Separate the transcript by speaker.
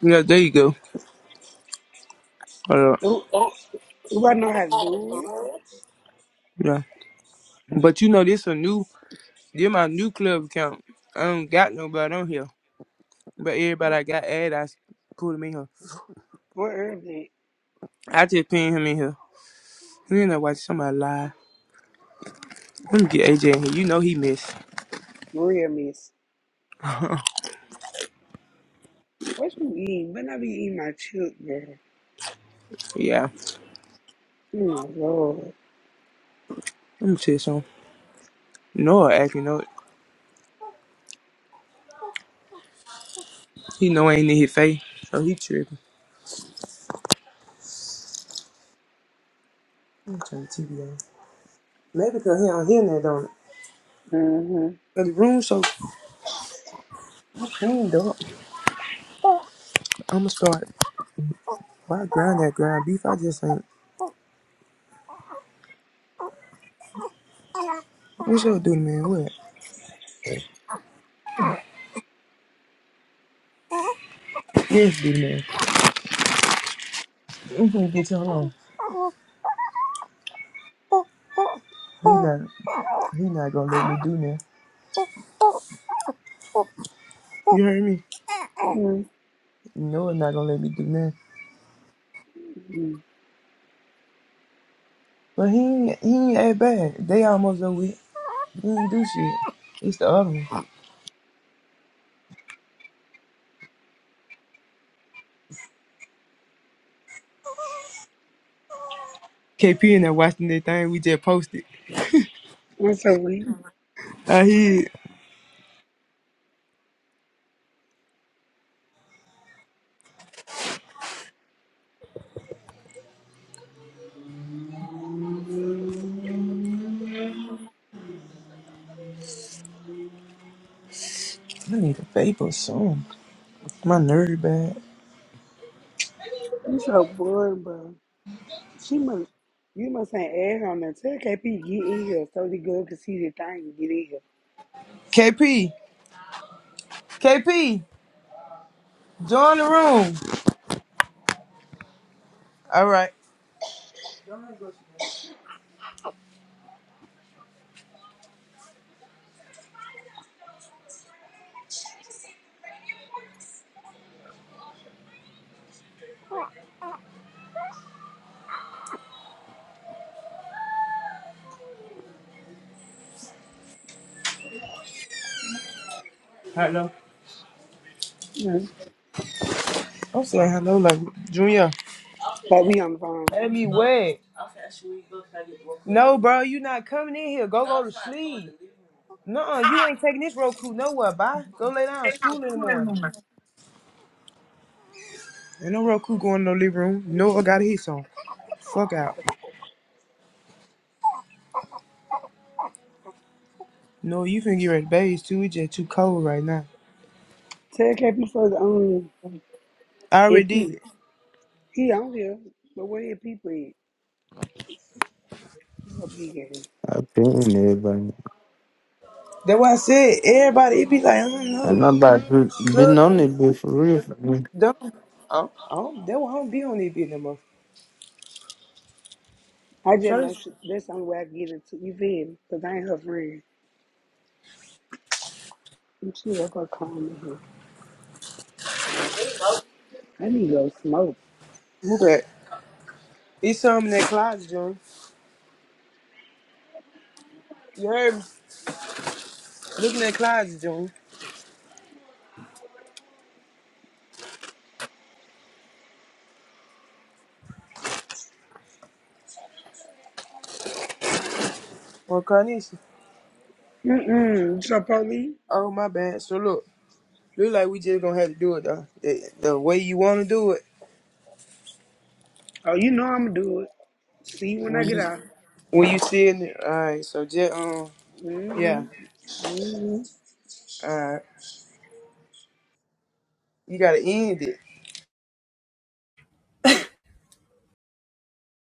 Speaker 1: Yeah, there you go. Hold
Speaker 2: Do, do I know how to do it?
Speaker 1: Yeah. But you know, this a new, this my new club account. I don't got nobody on here. But everybody
Speaker 2: What
Speaker 1: I got added, I s- put him in here.
Speaker 2: what herb did
Speaker 1: I just pin him in here. You ain't know watch somebody lie. Let me get AJ in here. You know he missed.
Speaker 2: Maria miss? What you eating? Better I be eating my chip, girl.
Speaker 1: Yeah.
Speaker 2: Oh my lord.
Speaker 1: Let me tell you something. Noah acting up. He know I ain't in his face. So he tripping. I'm turn the TV on. Maybe because he don't hear that, don't it?
Speaker 2: Mm-hmm.
Speaker 1: 'Cause The room's so cleaned up. I'ma start. Why grind that ground beef? I just ain't. What's up, dude, man? What? Yes, dude, man. i gonna get you alone. He not he not gonna let me do that. You heard me? No, he not gonna let me do that.
Speaker 2: Mm-hmm.
Speaker 1: But he ain't he ain't that bad. They almost over it. He ain't do shit. It's the other one. KP in there watching that thing we just posted.
Speaker 2: i so weak.
Speaker 1: I hear I need a paper soon. My nerve bad.
Speaker 2: You so bored, bro. She must, you must ain't add her on there. Tell KP get in here so the girl can see the thing and get in here.
Speaker 1: KP, KP, join the room. All right. Hello.
Speaker 2: Mm-hmm.
Speaker 1: I'm saying hello, like Junior.
Speaker 2: Like we on the phone.
Speaker 1: Let me wet. No, bro, you not coming in here. Go go to sleep. No, you ain't taking this Roku nowhere. Bye. Go lay down. School in the morning. Ain't no Roku going no living room. No, I got his on. Fuck out. No, you finna get ready to bathe too. It's just too cold right now.
Speaker 2: Tell KP for the um,
Speaker 1: I
Speaker 2: hit
Speaker 1: already
Speaker 2: people.
Speaker 1: did.
Speaker 2: He on here, but where his people at? Well, big ass.
Speaker 3: I pay never.
Speaker 1: That's why I said everybody. It be like I don't
Speaker 3: I
Speaker 1: know.
Speaker 3: know, but been
Speaker 1: Club
Speaker 3: on it before. real.
Speaker 1: don't. I don't. I don't- That why I don't be on this bitch no more.
Speaker 2: I just
Speaker 1: So
Speaker 2: know
Speaker 1: this-
Speaker 2: she, that's the only way I get into you feel me? 'Cause I ain't her friend. And she let her call me here. I need to go smoke.
Speaker 1: move back. It's something in that closet, June. You heard me? Look in that closet, June. Well, Carnation.
Speaker 2: Mm-mm. So, police?
Speaker 1: Oh my bad. So look, look like we just gonna have to do it though. The, the way you wanna do it.
Speaker 2: Oh, you know I'm going to do it. See you when I
Speaker 1: When
Speaker 2: get
Speaker 1: you
Speaker 2: out.
Speaker 1: when you see it, all right. So just um, yeah,
Speaker 2: Mm-hmm. Mm-hmm.
Speaker 1: all right. You gotta end it.